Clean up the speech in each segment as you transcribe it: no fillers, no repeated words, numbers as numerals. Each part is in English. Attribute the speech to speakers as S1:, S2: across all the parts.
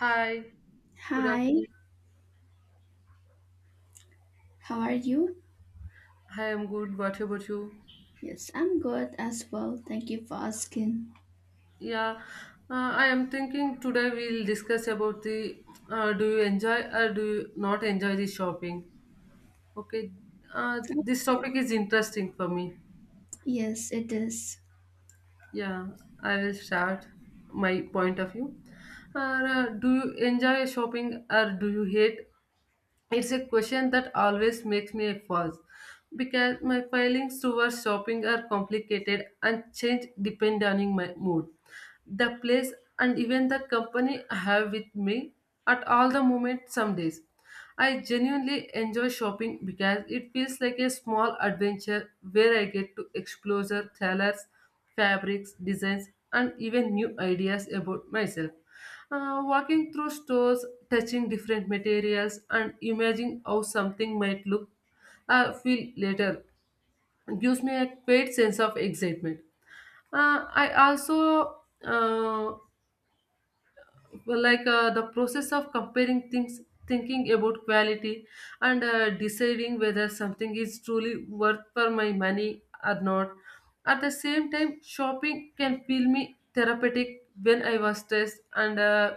S1: Hi, good up.
S2: Hi, how are you?
S1: Hi, I'm good. What about you?
S2: Yes, I'm good as well. Thank you for asking.
S1: Yeah, I am thinking today we'll discuss about the do you enjoy or do you not enjoy the shopping? Okay, this topic is interesting for me.
S2: Yes, it is.
S1: Yeah, I will start my point of view. Do you enjoy shopping or do you hate It's a question that always makes me pause because my feelings towards shopping are complicated and change depending on my mood the place and even the company I have with me at all the moment some days. I genuinely enjoy shopping because it feels like a small adventure where I get to explore the colors, fabrics, designs, and even new ideas about myself. Walking through stores, touching different materials, and imagining how something might look feel later gives me a great sense of excitement. I also like the process of comparing things thinking about quality and deciding whether something is truly worth for my money or not at the same time shopping can feel me therapeutic when I was stressed and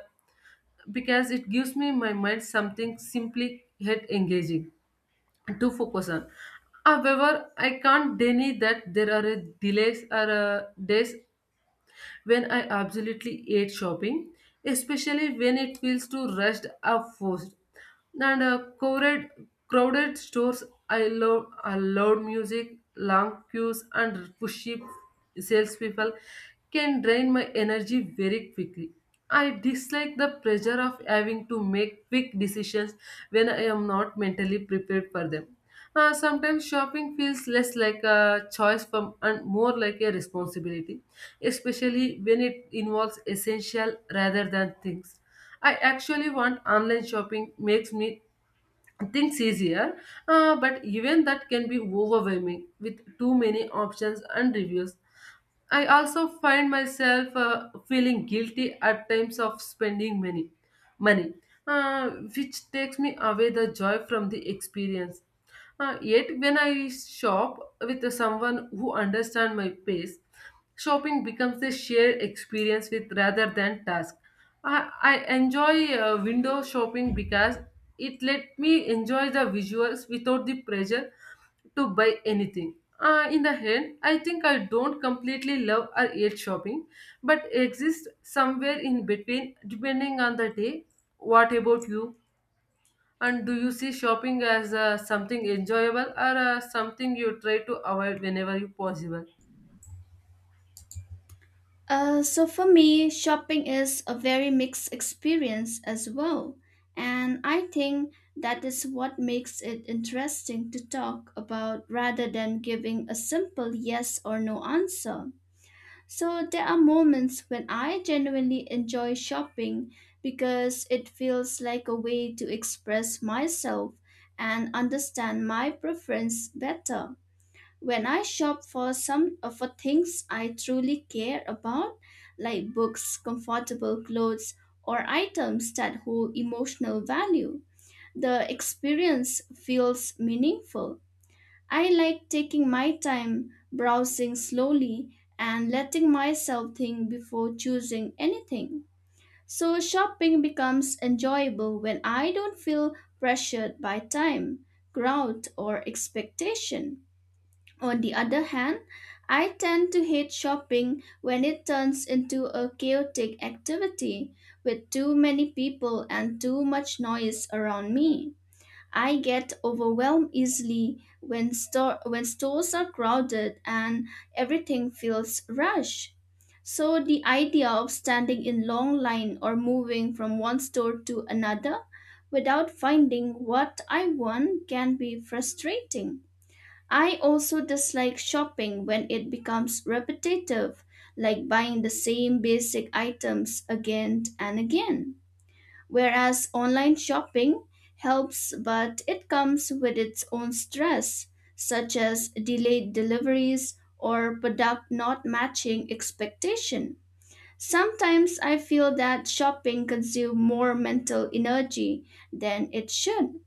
S1: because it gives me my mind something simply yet engaging to focus on. However, I can't deny that there are delays or days when I absolutely hate shopping, especially when it feels too rushed or forced. And crowded stores I loud music, long queues, and pushy salespeople can drain my energy very quickly. I dislike the pressure of having to make quick decisions when I am not mentally prepared for them. Sometimes shopping feels less like a choice from, and more like a responsibility, especially when it involves essential rather than things. I actually want online shopping makes me things easier, but even that can be overwhelming with too many options and reviews. I also find myself feeling guilty at times of spending many money, uh, which takes me away the joy from the experience. Yet when I shop with someone who understands my pace, shopping becomes a shared experience with rather than task. I enjoy window shopping because it let me enjoy the visuals without the pressure to buy anything. In the end, I think I don't completely love or hate shopping, but exist somewhere in between depending on the day. What about you? And do you see shopping as something enjoyable or something you try to avoid whenever you possible?
S2: So for me, shopping is a very mixed experience as well. And I think that is what makes it interesting to talk about rather than giving a simple yes or no answer. So there are moments when I genuinely enjoy shopping because it feels like a way to express myself and understand my preference better. When I shop for some for things I truly care about, like books, comfortable clothes, or items that hold emotional value, the experience feels meaningful. I like taking my time, browsing slowly, and letting myself think before choosing anything. So shopping becomes enjoyable when I don't feel pressured by time, crowd, or expectation. On the other hand, I tend to hate shopping when it turns into a chaotic activity with too many people and too much noise around me. I get overwhelmed easily when stores are crowded and everything feels rushed. So the idea of standing in long line or moving from one store to another without finding what I want can be frustrating. I also dislike shopping when it becomes repetitive, like buying the same basic items again and again. Whereas online shopping helps, but it comes with its own stress, such as delayed deliveries or product not matching expectation. Sometimes I feel that shopping consumes more mental energy than it should.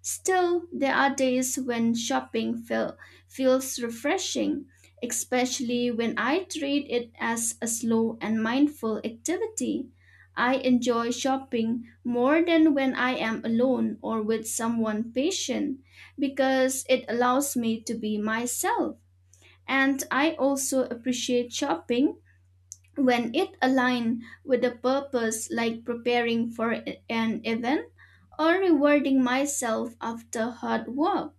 S2: Still, there are days when shopping feels refreshing, especially when I treat it as a slow and mindful activity. I enjoy shopping more than when I am alone or with someone patient because it allows me to be myself. And I also appreciate shopping when it aligns with a purpose like preparing for an event or rewarding myself after hard work.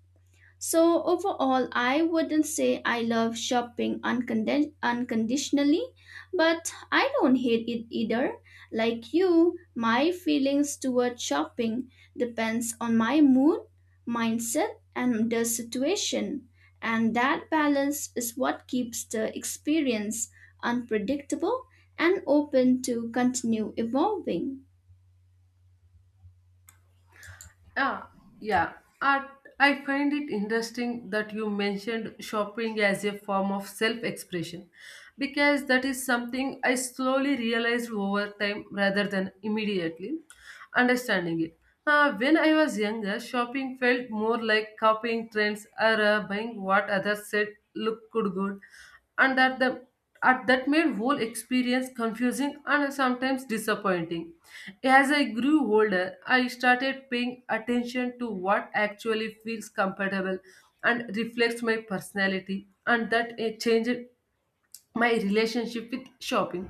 S2: So, overall, I wouldn't say I love shopping unconditionally, but I don't hate it either. Like you, my feelings toward shopping depends on my mood, mindset, and the situation. And that balance is what keeps the experience unpredictable and open to continue evolving.
S1: Yeah, yeah. I, I find it interesting that you mentioned shopping as a form of self expression because that is something I slowly realized over time rather than immediately understanding it. When I was younger, shopping felt more like copying trends or buying what others said looked good, and that the at that made whole experience confusing and sometimes disappointing. As I grew older, I started paying attention to what actually feels comfortable and reflects my personality, and that it changed my relationship with shopping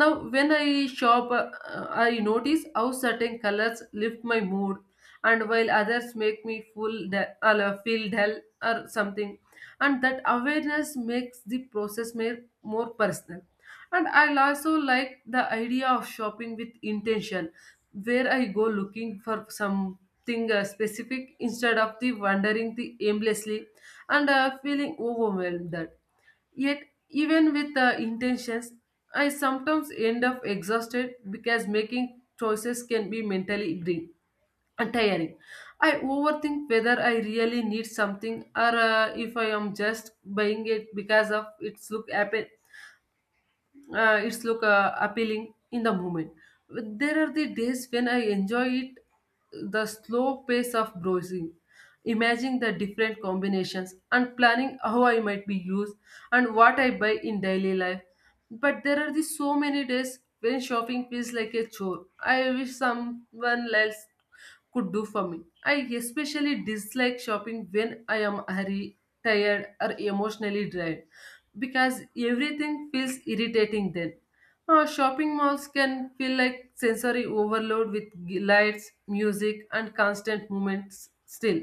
S1: now when I shop I notice how certain colors lift my mood and while others make me feel dull or something and that awareness makes the process more personal and I also like the idea of shopping with intention where I go looking for something specific instead of the wandering the aimlessly and feeling overwhelmed. Yet, even with the intentions, I sometimes end up exhausted because making choices can be mentally draining and tiring. I overthink whether I really need something or if I am just buying it because of its look happen it's look appealing in the moment there are the days when I enjoy it the slow pace of browsing imagining the different combinations and planning how I might be used and what I buy in daily life but there are the so many days when shopping feels like a chore I wish someone else could do for me. I especially dislike shopping when I am hurry, tired, or emotionally drained because everything feels irritating then. Shopping malls can feel like sensory overload with lights, music, and constant movements still.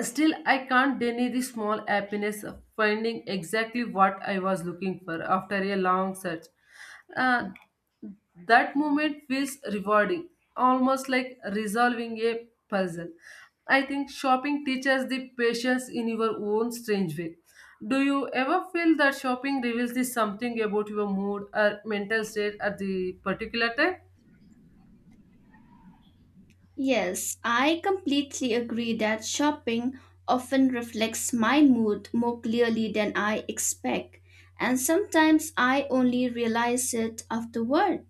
S1: Still, I can't deny the small happiness of finding exactly what I was looking for after a long search. Uh, that moment feels rewarding, almost like resolving a puzzle. I think shopping teaches the patience in your own strange way. Do you ever feel that shopping reveals the something about your mood or mental state at the particular time?
S2: Yes, I completely agree that shopping often reflects my mood more clearly than I expect, and sometimes I only realize it afterward.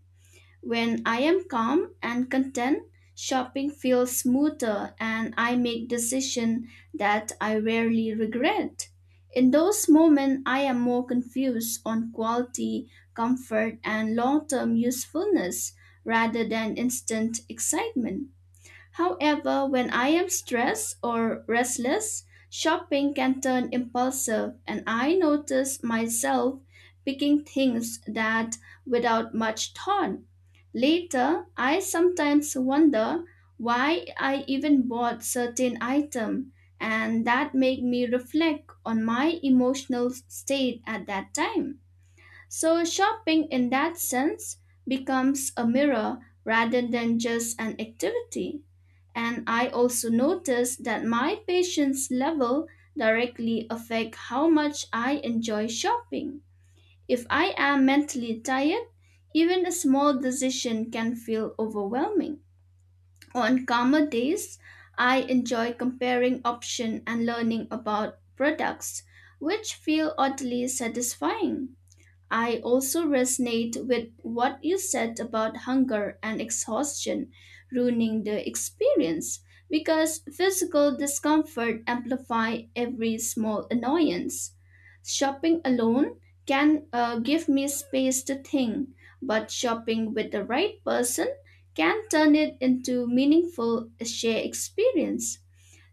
S2: When I am calm and content, shopping feels smoother and I make decisions that I rarely regret. In those moments, I am more confused on quality, comfort, and long term usefulness rather than instant excitement. However, when I am stressed or restless, shopping can turn impulsive, and I notice myself picking things that without much thought. Later, I sometimes wonder why I even bought certain item, and that make me reflect on my emotional state at that time. So shopping in that sense becomes a mirror rather than just an activity. And I also noticed that my patience level directly affect how much I enjoy shopping. If I am mentally tired, even a small decision can feel overwhelming. On calmer days, I enjoy comparing options and learning about products, which feel oddly satisfying. I also resonate with what you said about hunger and exhaustion ruining the experience because physical discomfort amplify every small annoyance. Shopping alone can give me space to think, but shopping with the right person can turn it into meaningful shared experience.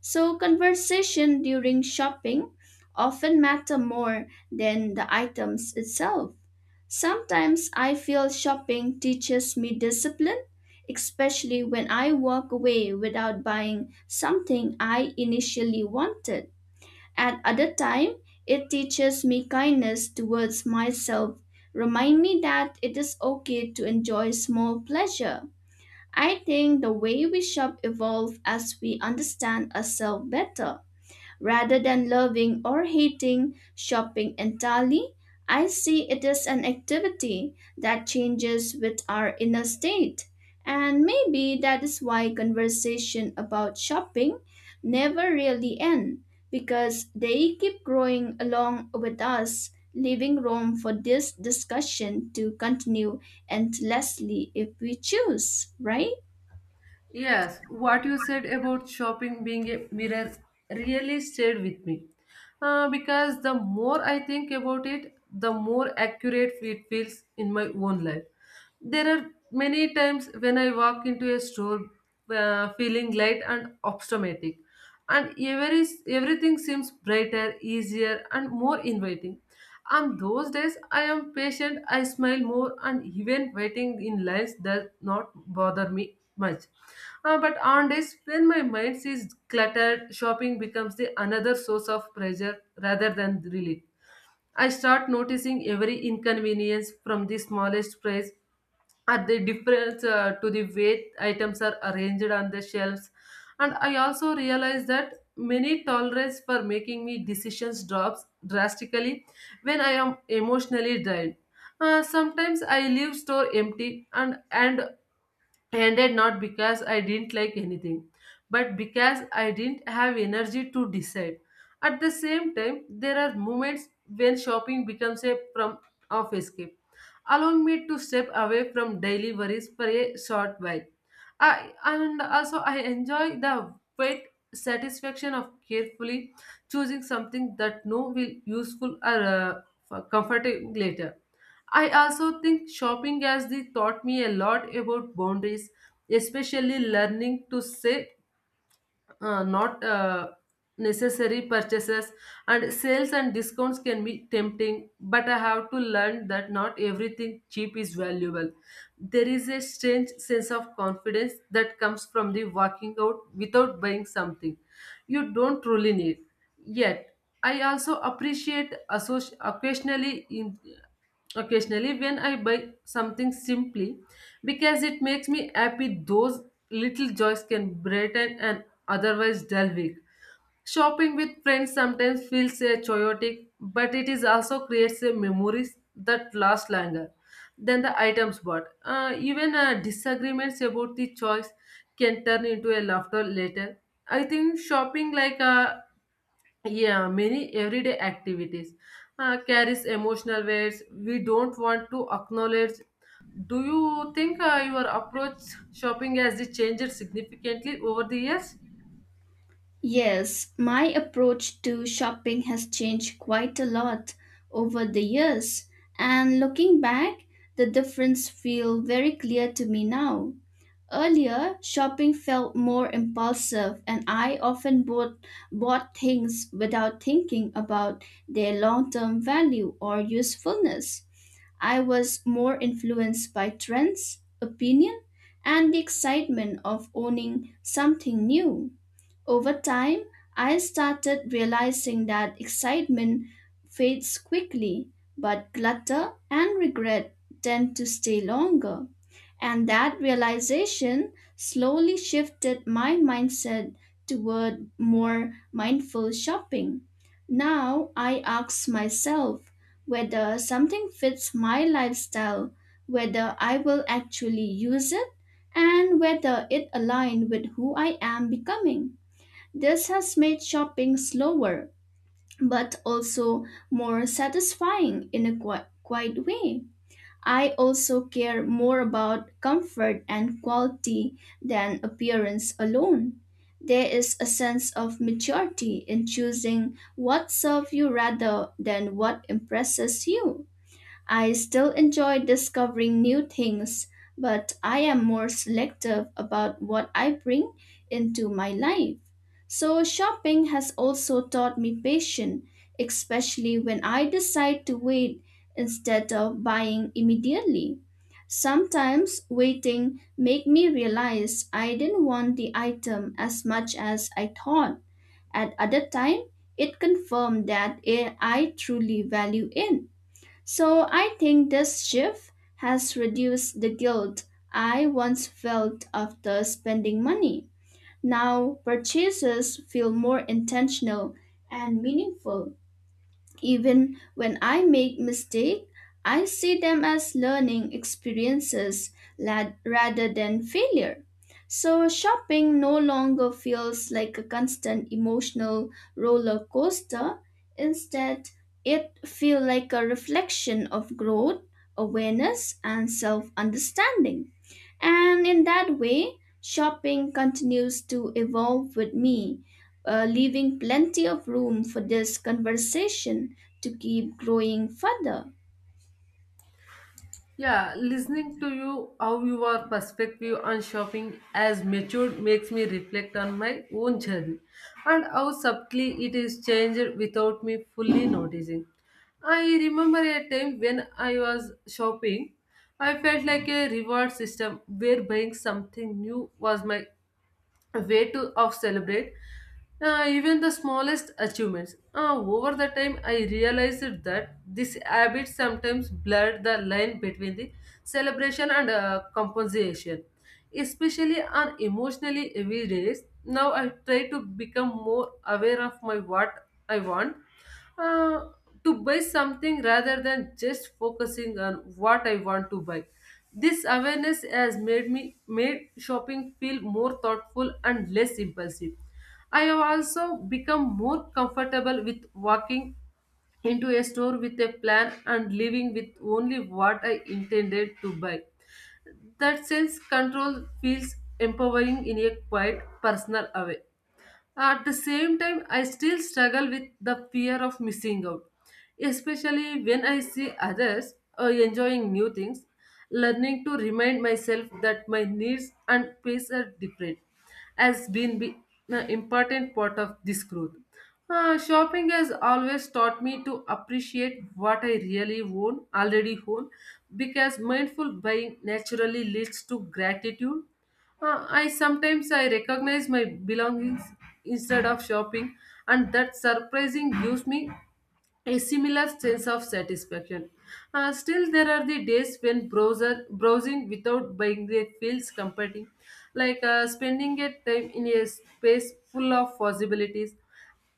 S2: So conversation during shopping often matter more than the items itself. Sometimes I feel shopping teaches me discipline, especially when I walk away without buying something I initially wanted. At other time, it teaches me kindness towards myself, remind me that it is okay to enjoy small pleasure. I think the way we shop evolve as we understand ourselves better. Rather than loving or hating shopping entirely, I see it as an activity that changes with our inner state. And maybe that is why conversation about shopping never really end because they keep growing along with us, leaving room for this discussion to continue endlessly if we choose, right?
S1: Yes, what you said about shopping being a mirror really stayed with me. Because the more I think about it, the more accurate it feels in my own life. There are many times when I walk into a store feeling light and optimistic, and everything seems brighter, easier, and more inviting. On those days, I am patient, I smile more, and even waiting in lines does not bother me much. But on days when my mind is cluttered, shopping becomes the another source of pressure rather than relief. I start noticing every inconvenience from the smallest price at the difference to the way items are arranged on the shelves and I also realized that many tolerance for making me decisions drops drastically when I am emotionally drained. Sometimes I leave store empty and and ended not because I didn't like anything, but because I didn't have energy to decide. At the same time, there are moments when shopping becomes a form of escape, allowing me to step away from daily worries for a short while. I and also I enjoy the weight satisfaction of carefully choosing something that no will useful or for comforting later. I also think shopping as they taught me a lot about boundaries, especially learning to say not necessary purchases and sales and discounts can be tempting but I have to learn that not everything cheap is valuable there is a strange sense of confidence that comes from the walking out without buying something you don't truly need yet I also appreciate associ- occasionally in, Occasionally, when I buy something simply because it makes me happy, those little joys can brighten an otherwise dull week. Shopping with friends sometimes feels chaotic, but it is also creates memories that last longer than the items bought. Even disagreements about the choice can turn into a laughter later. I think shopping like yeah, many everyday activities carries emotional weights we don't want to acknowledge. Do you think your approach shopping has changed significantly over the years?
S2: Yes, my approach to shopping has changed quite a lot over the years, and looking back, the difference feel very clear to me now. Earlier, shopping felt more impulsive, and I often bought things without thinking about their long term value or usefulness. I was more influenced by trends, opinion, and the excitement of owning something new. Over time, I started realizing that excitement fades quickly, but clutter and regret tend to stay longer. And that realization slowly shifted my mindset toward more mindful shopping. Now I ask myself whether something fits my lifestyle, whether I will actually use it, and whether it aligns with who I am becoming. This has made shopping slower, but also more satisfying in a quiet way. I also care more about comfort and quality than appearance alone. There is a sense of maturity in choosing what serves you rather than what impresses you. I still enjoy discovering new things, but I am more selective about what I bring into my life. So, shopping has also taught me patience, especially when I decide to wait instead of buying immediately. Sometimes waiting make me realize I didn't want the item as much as I thought. At other time, it confirmed that I truly value it. So I think this shift has reduced the guilt I once felt after spending money. Now purchases feel more intentional and meaningful. Even when I make mistakes, I see them as learning experiences rather than failure. So shopping no longer feels like a constant emotional roller coaster. Instead, it feels like a reflection of growth, awareness, and self understanding. And in that way, shopping continues to evolve with me, leaving plenty of room for this conversation to keep growing further.
S1: Yeah, listening to you, how your perspective on shopping as matured makes me reflect on my own journey and how subtly it is changed without me fully noticing. I remember a time when I was shopping, I felt like a reward system where buying something new was my a way to of celebrate even the smallest achievements. Over the time, I realized that this habit sometimes blurred the line between the celebration and compensation, especially on emotionally heavy days. Now I try to become more aware of my what I want uh, to buy something rather than just focusing on what I want to buy. This awareness has made me made shopping feel more thoughtful and less impulsive. I have also become more comfortable with walking into a store with a plan and leaving with only what I intended to buy. That sense control feels empowering in a quiet personal way. At the same time, I still struggle with the fear of missing out, especially when I see others enjoying new things, learning to remind myself that my needs and pace are different has been an important part of this growth. Shopping has always taught me to appreciate what I really own, already own, because mindful buying naturally leads to gratitude I sometimes I recognize my belongings instead of shopping, and that surprising gives me a similar sense of satisfaction. Still, there are the days when browser browsing without buying the feels comforting, like spending a time in a space full of possibilities.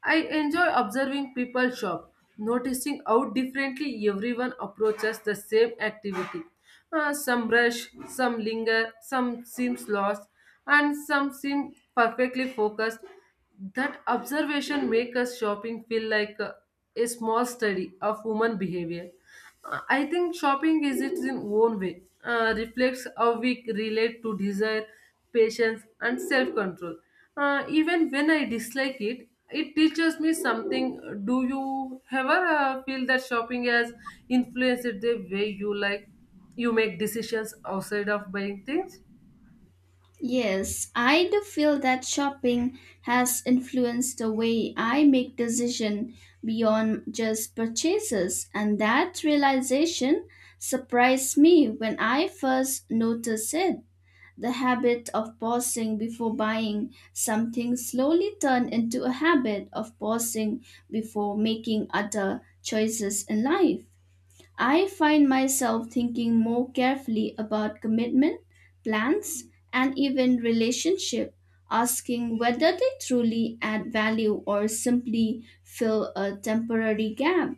S1: I enjoy observing people shop, noticing how differently everyone approaches the same activity. Some rush, some linger, some seems lost, and some seem perfectly focused. That observation makes us shopping feel like a small study of human behavior. I think shopping is its own way, reflects how we relate to desire, patience, and self control. Even when I dislike it, it teaches me something. Do you ever feel that shopping has influenced the way you make decisions outside of buying things?
S2: Yes, I do feel that shopping has influenced the way I make decisions beyond just purchases, and that realization surprised me when I first noticed it. The habit of pausing before buying something slowly turned into a habit of pausing before making other choices in life. I find myself thinking more carefully about commitment, plans, and even relationship, asking whether they truly add value or simply fill a temporary gap.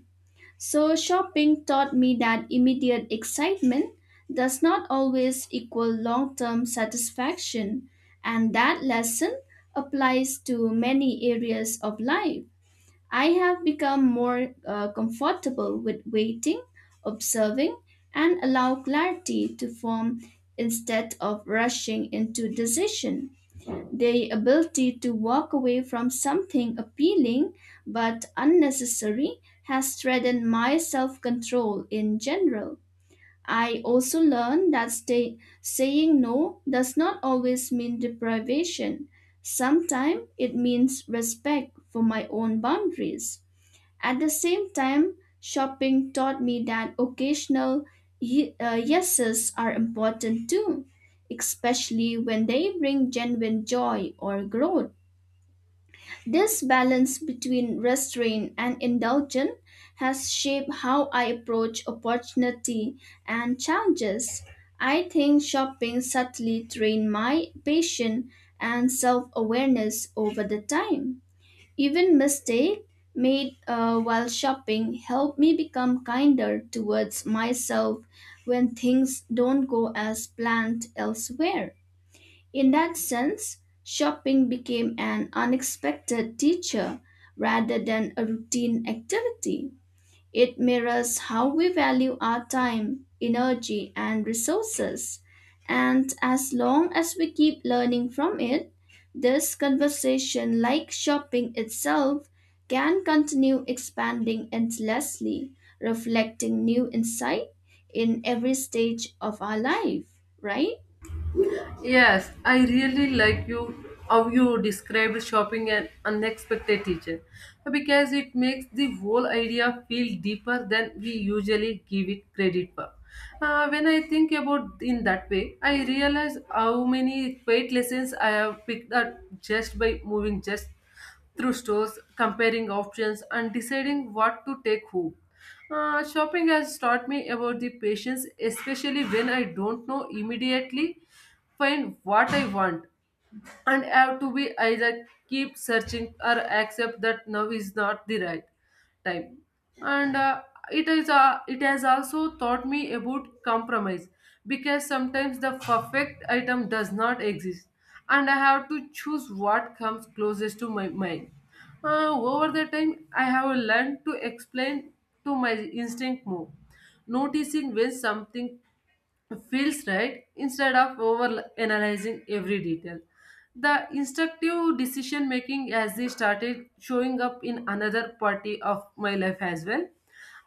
S2: So, shopping taught me that immediate excitement does not always equal long term satisfaction, and that lesson applies to many areas of life. I have become more comfortable with waiting, observing, and allow clarity to form instead of rushing into decision. The ability to walk away from something appealing but unnecessary has strengthened my self control in general. I also learned that saying no does not always mean deprivation. Sometimes it means respect for my own boundaries. At the same time, shopping taught me that occasional yeses are important too, especially when they bring genuine joy or growth. This balance between restraint and indulgence has shaped how I approach opportunity and challenges. I think shopping subtly trained my patience and self awareness over the time. Even mistake made while shopping helped me become kinder towards myself when things don't go as planned elsewhere. In that sense, shopping became an unexpected teacher rather than a routine activity. It mirrors how we value our time, energy, and resources. And as long as we keep learning from it, this conversation, like shopping itself, can continue expanding endlessly, reflecting new insight in every stage of our life, right?
S1: Yes, I really like you how you described shopping an unexpected teacher because it makes the whole idea feel deeper than we usually give it credit for. When I think about in that way, I realize how many great lessons I have picked up just by moving just through stores, comparing options, and deciding what to take home. Shopping has taught me about the patience, especially when I don't know immediately find what I want, and I have to be either keep searching or accept that now is not the right time. And It is, it has also taught me about compromise, because sometimes the perfect item does not exist and I have to choose what comes closest to my mind. Over the time, I have learned to explain to my instinct more, noticing when something feels right instead of over analyzing every detail. The instructive decision making as they started showing up in another party of my life as well.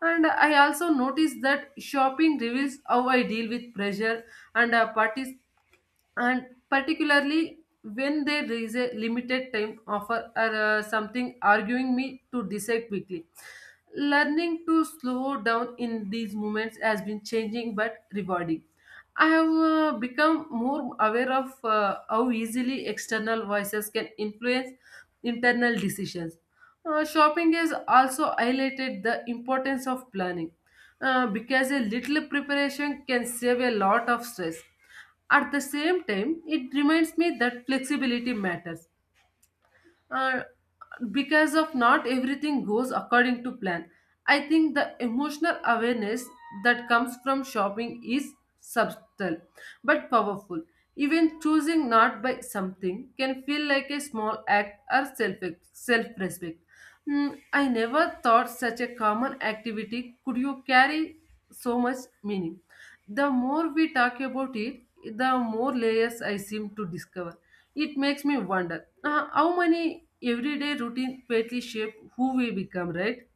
S1: And I also noticed that shopping reveals how I deal with pressure and parties, and particularly when they raise a limited time offer or something arguing me to decide quickly. Learning to slow down in these moments has been changing but rewarding. I have become more aware of how easily external voices can influence internal decisions. Shopping has also highlighted the importance of planning, because a little preparation can save a lot of stress. At the same time, it reminds me that flexibility matters, uh, because of not everything goes according to plan. I think the emotional awareness that comes from shopping is subtle but powerful. Even choosing not by something can feel like a small act or self respect. I never thought such a common activity could you carry so much meaning. The more we talk about it, the more layers I seem to discover. It makes me wonder, how many everyday routine greatly shape who we become, right?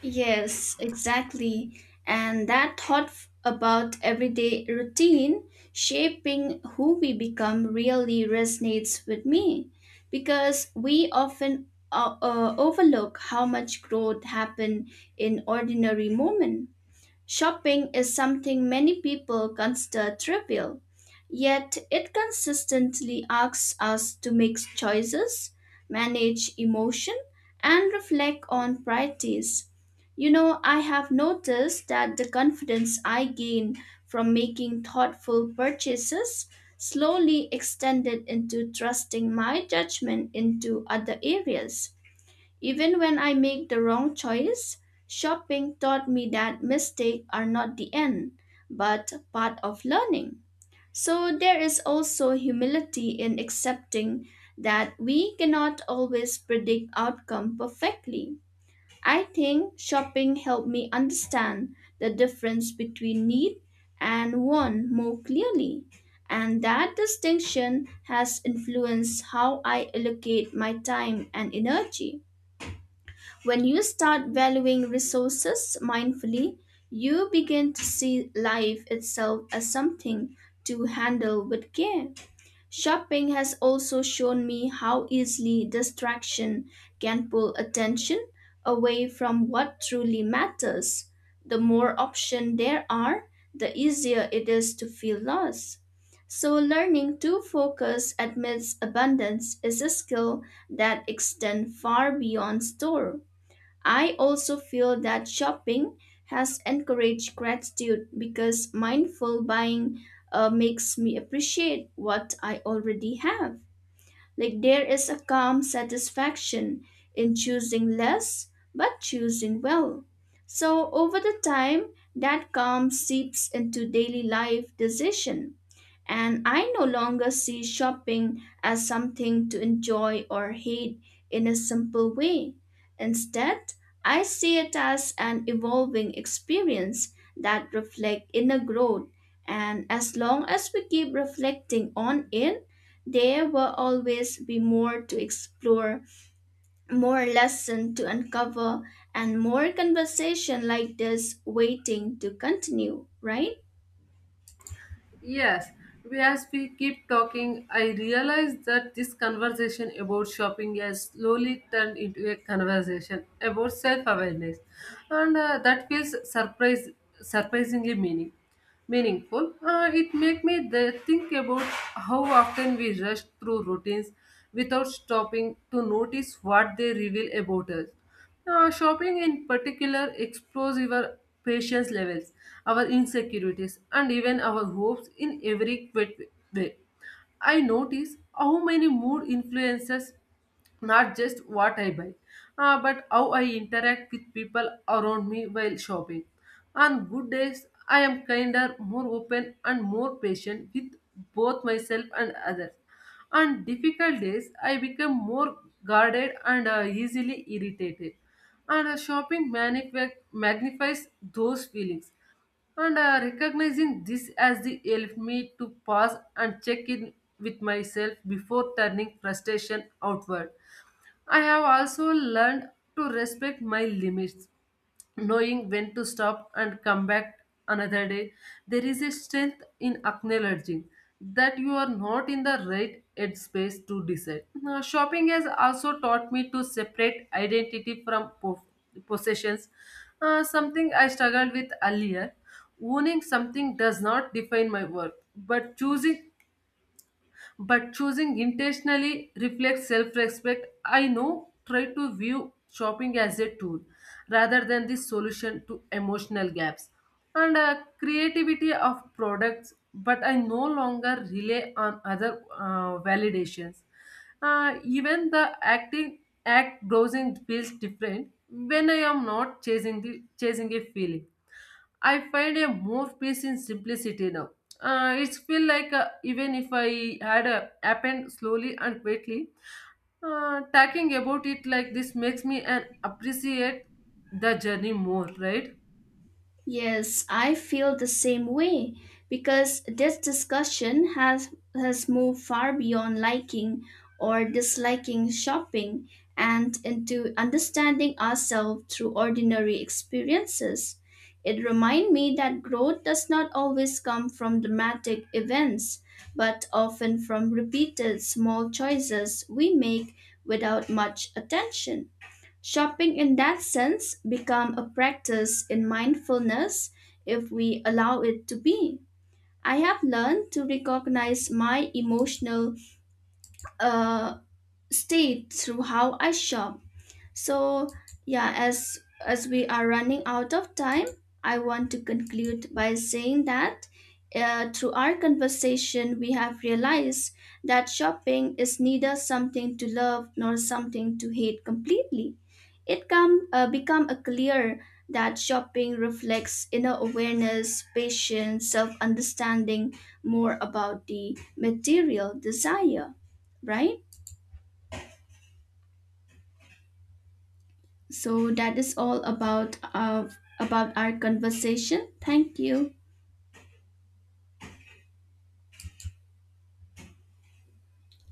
S2: Yes, exactly. And that thought about everyday routine shaping who we become really resonates with me because we often overlook how much growth happen in ordinary moments. Shopping is something many people consider trivial, yet it consistently asks us to make choices, manage emotion, and reflect on priorities. You know, I have noticed that the confidence I gain from making thoughtful purchases slowly extended into trusting my judgment into other areas. Even when I make the wrong choice, shopping taught me that mistakes are not the end, but part of learning. So there is also humility in accepting that we cannot always predict outcome perfectly. I think shopping helped me understand the difference between need and want more clearly, and that distinction has influenced how I allocate my time and energy. When you start valuing resources mindfully, you begin to see life itself as something to handle with care. Shopping has also shown me how easily distraction can pull attention away from what truly matters. The more options there are, the easier it is to feel lost. So, learning to focus amidst abundance is a skill that extends far beyond store. I also feel that shopping has encouraged gratitude because mindful buying makes me appreciate what I already have. Like there is a calm satisfaction in choosing less but choosing well. So over the time, that calm seeps into daily life decision and I no longer see shopping as something to enjoy or hate in a simple way. Instead, I see it as an evolving experience that reflects inner growth, and as long as we keep reflecting on it, there will always be more to explore, more lesson to uncover, and more conversation like this waiting to continue, right?
S1: Yes, as we keep talking, I realize that this conversation about shopping has slowly turned into a conversation about self-awareness, and that feels surprisingly meaningful. It makes me think about how often we rush through routines without stopping to notice what they reveal about us. Shopping in particular explores our patience levels, our insecurities, and even our hopes in every quick way. I notice how many mood influences not just what I buy, but how I interact with people around me while shopping. On good days, I am kinder, more open, and more patient with both myself and others. On difficult days, I become more guarded and easily irritated. And Shopping magnifies those feelings. And Recognizing this as the helped me to pause and check in with myself before turning frustration outward. I have also learned to respect my limits, knowing when to stop and come back another day. There is a strength in acknowledging that you are not in the right headspace to decide. Now, shopping has also taught me to separate identity from possessions, something I struggled with earlier. Owning something does not define my worth, but choosing intentionally reflects self-respect. I know try to view shopping as a tool rather than the solution to emotional gaps, and creativity of products, but I no longer rely on other validations. Even the acting act browsing feels different when I am not chasing a feeling. I find a more peace in simplicity now. It feel like, even if I had happened slowly and quietly, talking about it like this makes me and appreciate the journey more, right?
S2: Yes, I feel the same way because this discussion has moved far beyond liking or disliking shopping and into understanding ourselves through ordinary experiences. It reminds me that growth does not always come from dramatic events, but often from repeated small choices we make without much attention. Shopping in that sense become a practice in mindfulness if we allow it to be. I have learned to recognize my emotional uh, state through how I shop. So, yeah, as we are running out of time, I want to conclude by saying that through our conversation, we have realized that shopping is neither something to love nor something to hate completely. It come become a clear that shopping reflects inner awareness, patience, self understanding more about the material desire, right? So that is all about our conversation. Thank you.